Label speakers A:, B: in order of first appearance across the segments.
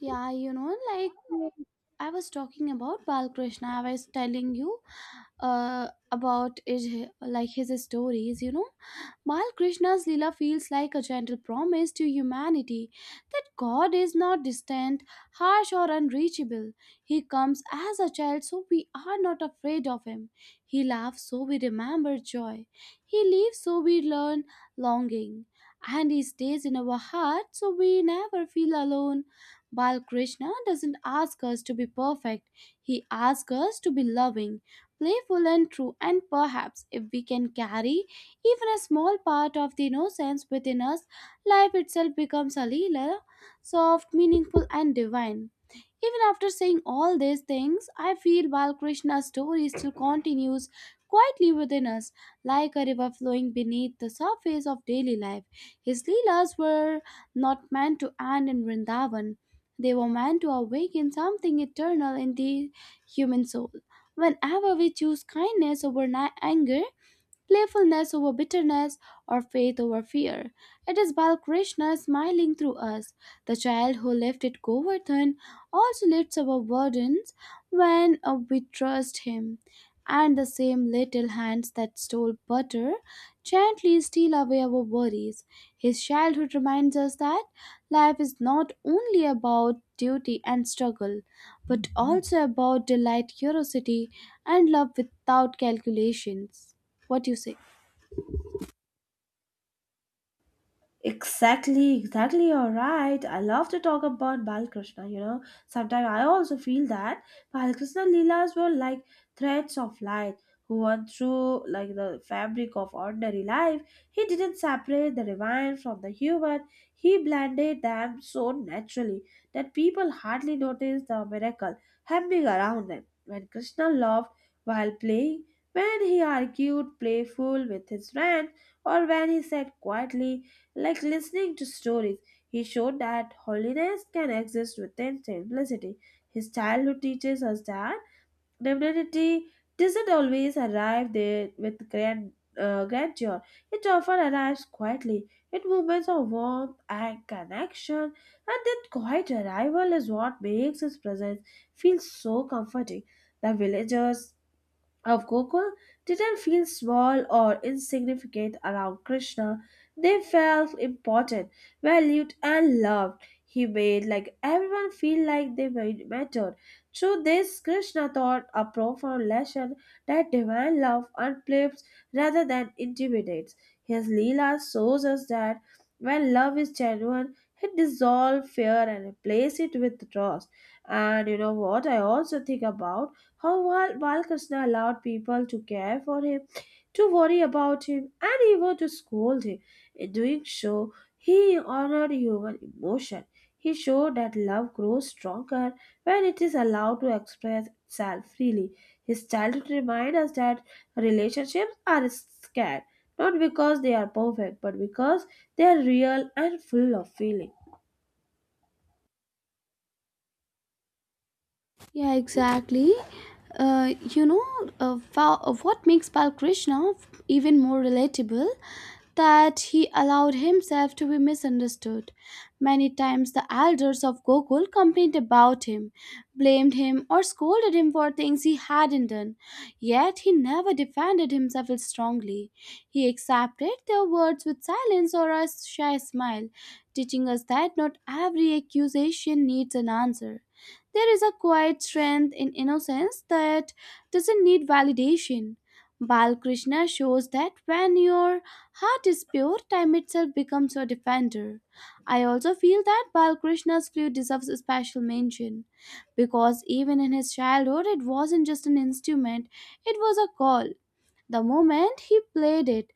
A: Yeah, you know, like um,
B: Unlike.
A: I was talking about Balkrishna. I was telling you about it, like his stories. You know, Balkrishna's Leela feels like a gentle promise to humanity that God is not distant, harsh, or unreachable. He comes as a child, so we are not afraid of him. He laughs, so we remember joy. He leaves, so we learn longing. And he stays in our heart, so we never feel alone. Balkrishna doesn't ask us to be perfect, he asks us to be loving, playful, and true. And perhaps if we can carry even a small part of the innocence within us, life itself becomes a lila, soft, meaningful, and divine. Even after saying all these things, I feel Balkrishna's story still continues quietly within us, like a river flowing beneath the surface of daily life. His Leelas were not meant to end in Vrindavan. They were meant to awaken something eternal in the human soul. Whenever we choose kindness over anger, playfulness over bitterness, or faith over fear. It is Balkrishna smiling through us. The child who lifted Govardhan also lifts our burdens when we trust him. And the same little hands that stole butter gently steal away our worries. His childhood reminds us that life is not only about duty and struggle, but also about delight, curiosity, and love without calculations. What do you say?
B: Exactly, exactly. You're right. I love to talk about Balakrishna. You know, sometimes I also feel that Balakrishna Leelas were like threads of light who went through like the fabric of ordinary life. He didn't separate the divine from the human. He blended them so naturally that people hardly noticed the miracle happening around them. When Krishna loved while playing, when he argued playful with his friend, or when he sat quietly like listening to stories. He showed that holiness can exist within simplicity. His childhood teaches us that divinity doesn't always arrive there with grandeur. It often arrives quietly in moments of warmth and connection, and that quiet arrival is what makes his presence feel so comforting. The villagers of Gokul didn't feel small or insignificant around Krishna. They felt important, valued, and loved. He made like everyone feel like they were mattered. Through this, Krishna taught a profound lesson that divine love uplifts rather than intimidates. His Leela shows us that when love is genuine, it dissolves fear and replaces it with trust. And you know what I also think about? How Balkrishna allowed people to care for him, to worry about him, and even to scold him. In doing so, he honored human emotion. He showed that love grows stronger when it is allowed to express itself freely. His childhood reminds us that relationships are scarce, not because they are perfect, but because they are real and full of feeling.
A: Yeah, exactly. Uh, you know, what makes Bal Krishna even more relatable that he allowed himself to be misunderstood. Many times the elders of Gokul complained about him, blamed him, or scolded him for things he hadn't done. Yet he never defended himself strongly. He accepted their words with silence or a shy smile, teaching us that not every accusation needs an answer. There is a quiet strength in innocence that doesn't need validation. Balkrishna shows that when your heart is pure, time itself becomes your defender. I also feel that Balakrishna's flute deserves a special mention, because even in his childhood, it wasn't just an instrument, it was a call. The moment he played it,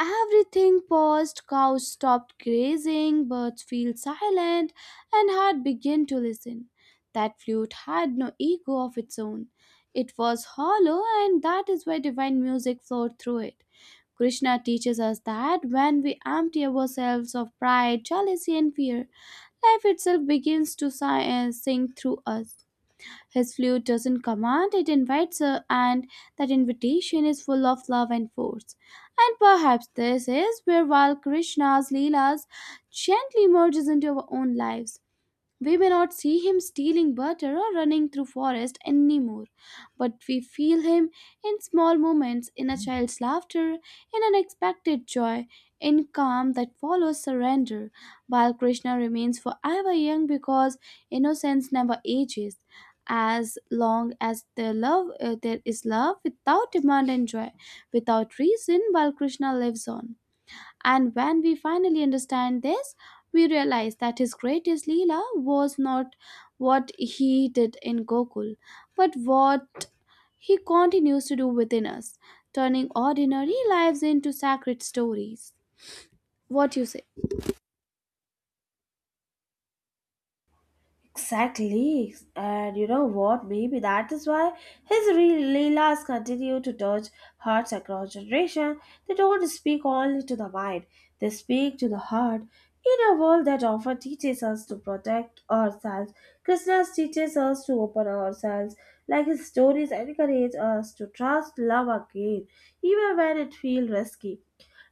A: everything paused, cows stopped grazing, birds fell silent, and heart began to listen. That flute had no ego of its own. It was hollow, and that is why divine music flowed through it. Krishna teaches us that when we empty ourselves of pride, jealousy, and fear, life itself begins to sing through us. His flute doesn't command, it invites us, and that invitation is full of love and force. And perhaps this is where while Krishna's Leelas gently merges into our own lives, we may not see him stealing butter or running through forest anymore, but we feel him in small moments, in a child's laughter, in unexpected joy, in calm that follows surrender. Balkrishna remains forever young because innocence never ages. As long as there there is love without demand and joy, without reason, Balkrishna lives on. And when we finally understand this, we realize that his greatest Leela was not what he did in Gokul, but what he continues to do within us, turning ordinary lives into sacred stories. What you say?
B: Exactly. And you know what? Maybe that is why Leelas continue to touch hearts across generation. They don't speak only to the mind, they speak to the heart. In a world that often teaches us to protect ourselves, Krishna teaches us to open ourselves. Like his stories encourage us to trust love again, even when it feels risky.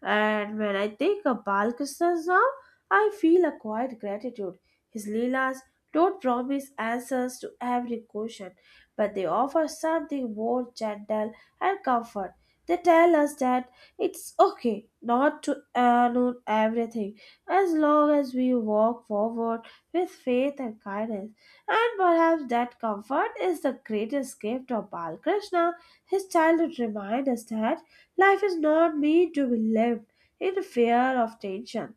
B: And when I think of Balkrishna's now, I feel a quiet gratitude. His Leelas don't promise answers to every question, but they offer something more gentle and comfort. They tell us that it's okay not to know everything as long as we walk forward with faith and kindness. And perhaps that comfort is the greatest gift of Balkrishna. His childhood reminds us that life is not meant to be lived in fear of tension,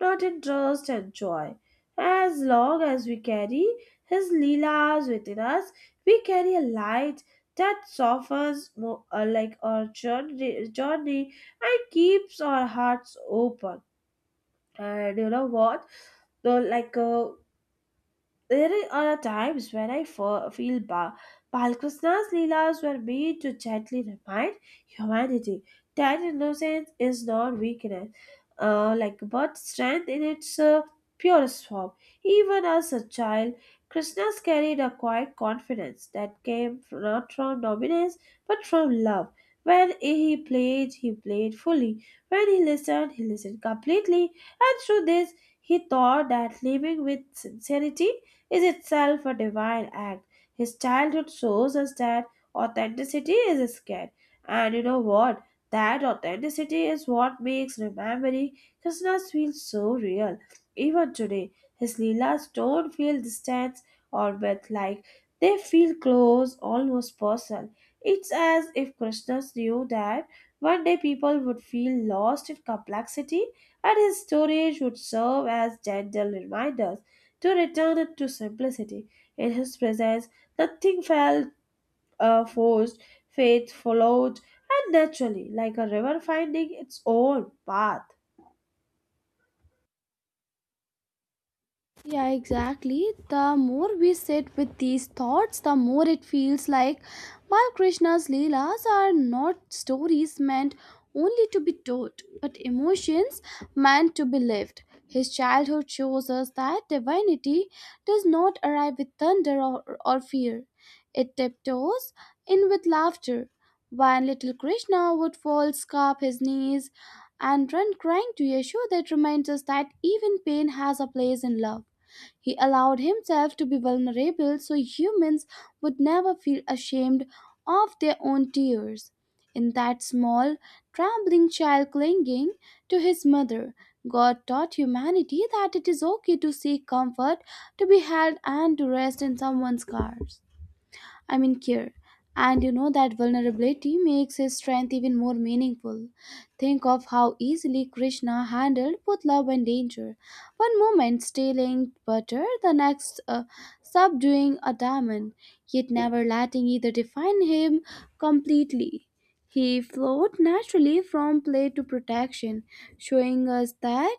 B: not in trust and joy. As long as we carry His Leelas within us, we carry a light that softens like our journey and keeps our hearts open. And you know what? Though, like, uh, there are times when I feel Balkrishna's Leelas were made to gently remind humanity that innocence is not weakness, like but strength in its purest form. Even as a child, Krishna's carried a quiet confidence that came not from dominance but from love. When he played fully. When he listened completely. And through this, he taught that living with sincerity is itself a divine act. His childhood shows us that authenticity is scared. And you know what? That authenticity is what makes remembering Krishna's feel so real. Even today, his Leelas don't feel distant or myth like. They feel close, almost personal. It's as if Krishna knew that one day people would feel lost in complexity and his stories would serve as gentle reminders. To return it to simplicity, in his presence, nothing felt forced, faith followed, and naturally, like a river finding its own path.
A: Yeah, exactly. The more we sit with these thoughts, the more it feels like Balkrishna's Leelas are not stories meant only to be told, but emotions meant to be lived. His childhood shows us that divinity does not arrive with thunder or fear, it tiptoes in with laughter. When little Krishna would fall, scarp his knees, and run crying to Yeshua, that reminds us that even pain has a place in love. He allowed himself to be vulnerable so humans would never feel ashamed of their own tears. In that small, trembling child clinging to his mother, God taught humanity that it is okay to seek comfort, to be held, and to rest in someone's arms. I mean, care. And you know that vulnerability makes his strength even more meaningful. Think of how easily Krishna handled both love and danger. One moment stealing butter, the next subduing a diamond, yet never letting either define him completely. He flowed naturally from play to protection, showing us that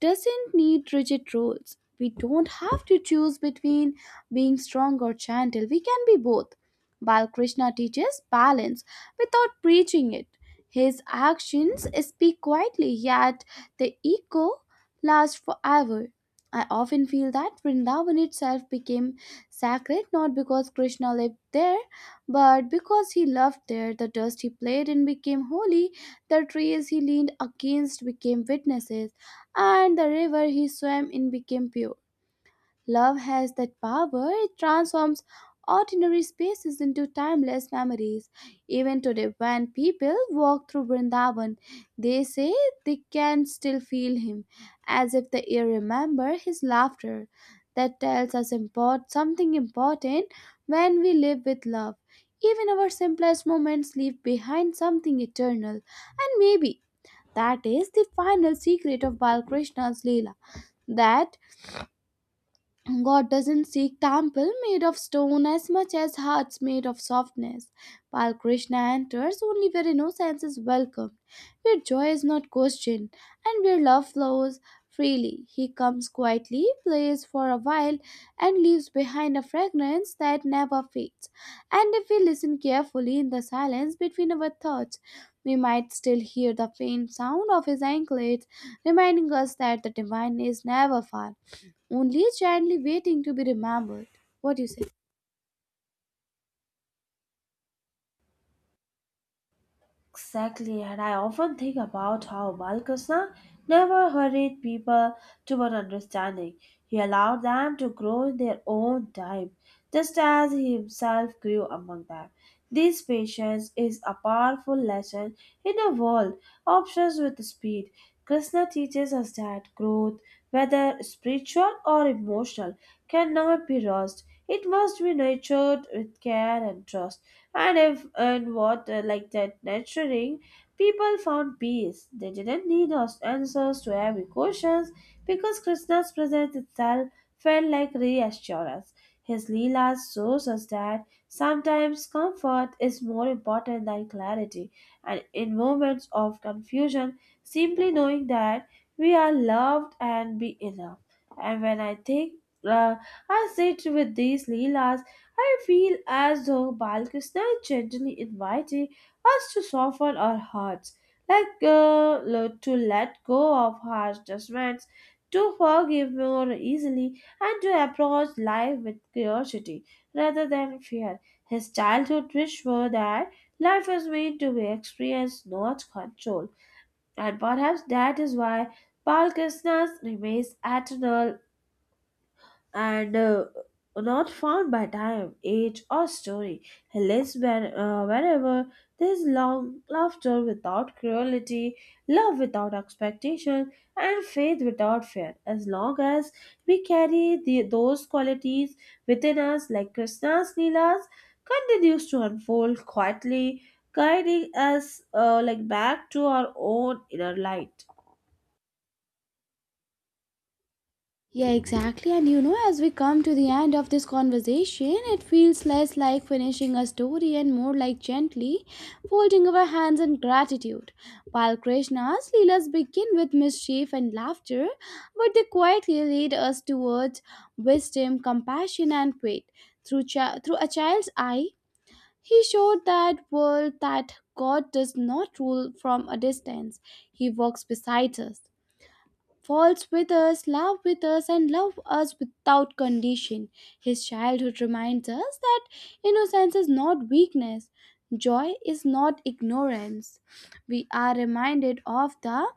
A: doesn't need rigid rules. We don't have to choose between being strong or gentle. We can be both. Balkrishna teaches balance without preaching it. His actions speak quietly, yet the echo lasts forever. I often feel that Vrindavan itself became sacred not because Krishna lived there, but because he loved there. The dust he played in became holy, the trees he leaned against became witnesses, and the river he swam in became pure. Love has that power, it transforms ordinary spaces into timeless memories. Even today, when people walk through Vrindavan, they say they can still feel him, as if the air remember his laughter. That tells us something important when we live with love. Even our simplest moments leave behind something eternal, and maybe that is the final secret of Balkrishna's Leela that God doesn't seek temple made of stone as much as hearts made of softness. While Krishna enters only where innocence is welcomed, where joy is not questioned, and where love flows freely. He comes quietly, plays for a while, and leaves behind a fragrance that never fades. And if we listen carefully in the silence between our thoughts, we might still hear the faint sound of his anklets, reminding us that the divine is never far only gently waiting to be remembered. What do you say?
B: Exactly, and I often think about how Balkrishna never hurried people to an understanding. He allowed them to grow in their own time, just as he himself grew among them. This patience is a powerful lesson in a world obsessed with speed. Krishna teaches us that growth, whether spiritual or emotional, cannot be lost. It must be nurtured with care and trust. And if and what like that nurturing, people found peace. They didn't need us answers to every questions because Krishna's presence itself felt like reassurance. His Leelas shows us that sometimes comfort is more important than clarity, and in moments of confusion, simply knowing that we are loved and be enough. And when I think uh, I sit with these Leelas. I feel as though Balkrishna is gently inviting us to soften our hearts, to let go of harsh judgments, to forgive more easily, and to approach life with curiosity rather than fear. His childhood wish were that life was meant to be experienced, not controlled, and perhaps that is why Balkrishna remains eternal and not found by time, age, or story. He lives wherever there's long laughter without cruelty, love without expectation, and faith without fear. As long as we carry those qualities within us, like Krishna's Leelas, continues to unfold quietly, guiding us like back to our own inner light.
A: Yeah, exactly. And you know, as we come to the end of this conversation, it feels less like finishing a story and more like gently folding our hands in gratitude. While Krishna's Leelas begin with mischief and laughter, but they quietly lead us towards wisdom, compassion, and faith. Through a child's eye, he showed that world that God does not rule from a distance. He walks beside us, falls with us, loves with us, and loves us without condition. His childhood reminds us that innocence is not weakness, joy is not ignorance. We are reminded of the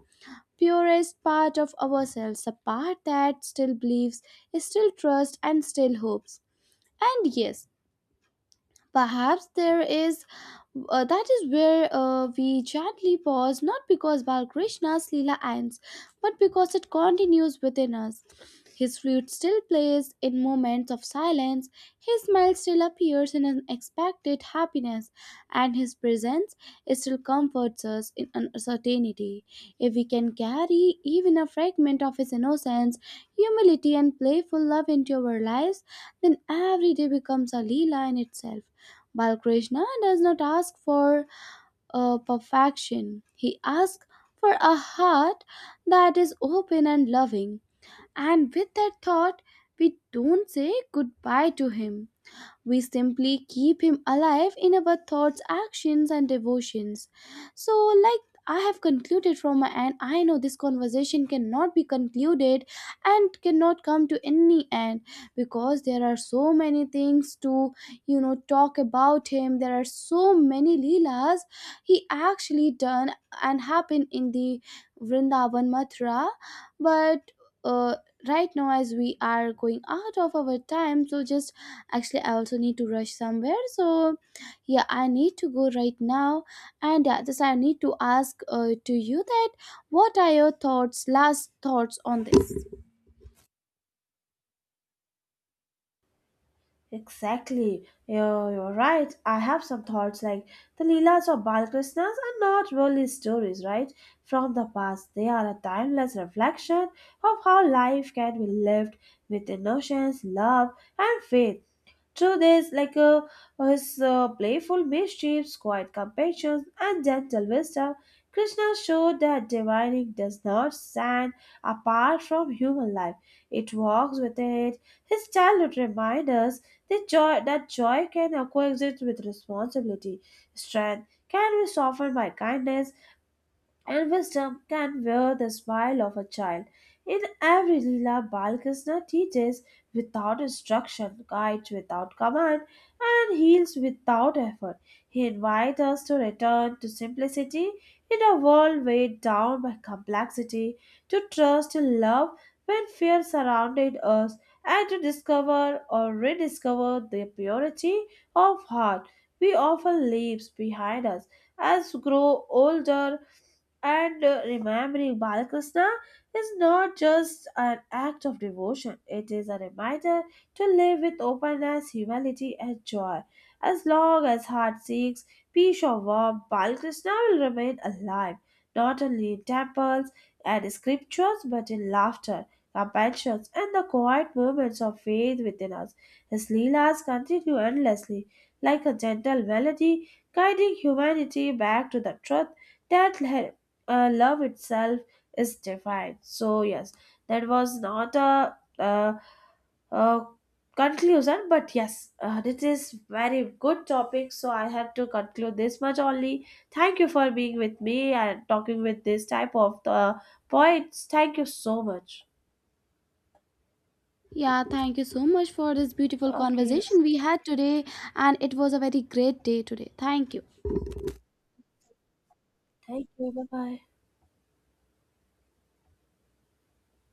A: purest part of ourselves, a part that still believes, still trusts, and still hopes. And yes, perhaps there is that is where we gently pause, not because Balkrishna's Leela ends, but because it continues within us. His flute still plays in moments of silence, his smile still appears in unexpected happiness, and his presence still comforts us in uncertainty. If we can carry even a fragment of his innocence, humility, and playful love into our lives, then every day becomes a Leela in itself. Balkrishna does not ask for perfection. He asks for a heart that is open and loving. And with that thought, we don't say goodbye to him. We simply keep him alive in our thoughts, actions, and devotions. So, like I have concluded from my end, I know this conversation cannot be concluded and cannot come to any end because there are so many things to, you know, talk about him. There are so many Leelas he actually done and happened in the Vrindavan Mathura. But uh, right now, as we are going out of our time, so just actually, I also need to rush somewhere. So, yeah, I need to go right now. And yeah, just I need to ask to you that what are your thoughts, last thoughts on this?
B: Exactly. You're right. I have some thoughts like the Leelas of Balkrishnas are not really stories, right? From the past, they are a timeless reflection of how life can be lived with innocence, love, and faith. Through this, like a his playful mischiefs, quiet compassion, and gentle wisdom. Krishna showed that divining does not stand apart from human life; it walks within it. His childhood reminds us that joy can coexist with responsibility. Strength can be softened by kindness, and wisdom can wear the smile of a child. In every Leela, Balkrishna teaches without instruction, guides without command, and heals without effort. He invites us to return to simplicity in a world weighed down by complexity, to trust in love when fear surrounded us, and to discover or rediscover the purity of heart we often leave behind us as we grow older and remembering Balakrishna is not just an act of devotion, it is a reminder to live with openness, humility, and joy. As long as heart seeks peace or warmth, Balakrishna will remain alive, not only in temples and scriptures, but in laughter, compassion, and the quiet moments of faith within us. His Leelas continue endlessly, like a gentle melody, guiding humanity back to the truth that love itself is divine. So yes, that was not a, uh conclusion, but yes, this is very good topic. So I have to conclude this much only. Thank you for being with me and talking with this type of points. Thank you so much.
A: Yeah, thank you so much for this beautiful
B: Okay,
A: conversation we had today. And it was a very great day today. Thank you.
B: thank you. Bye bye.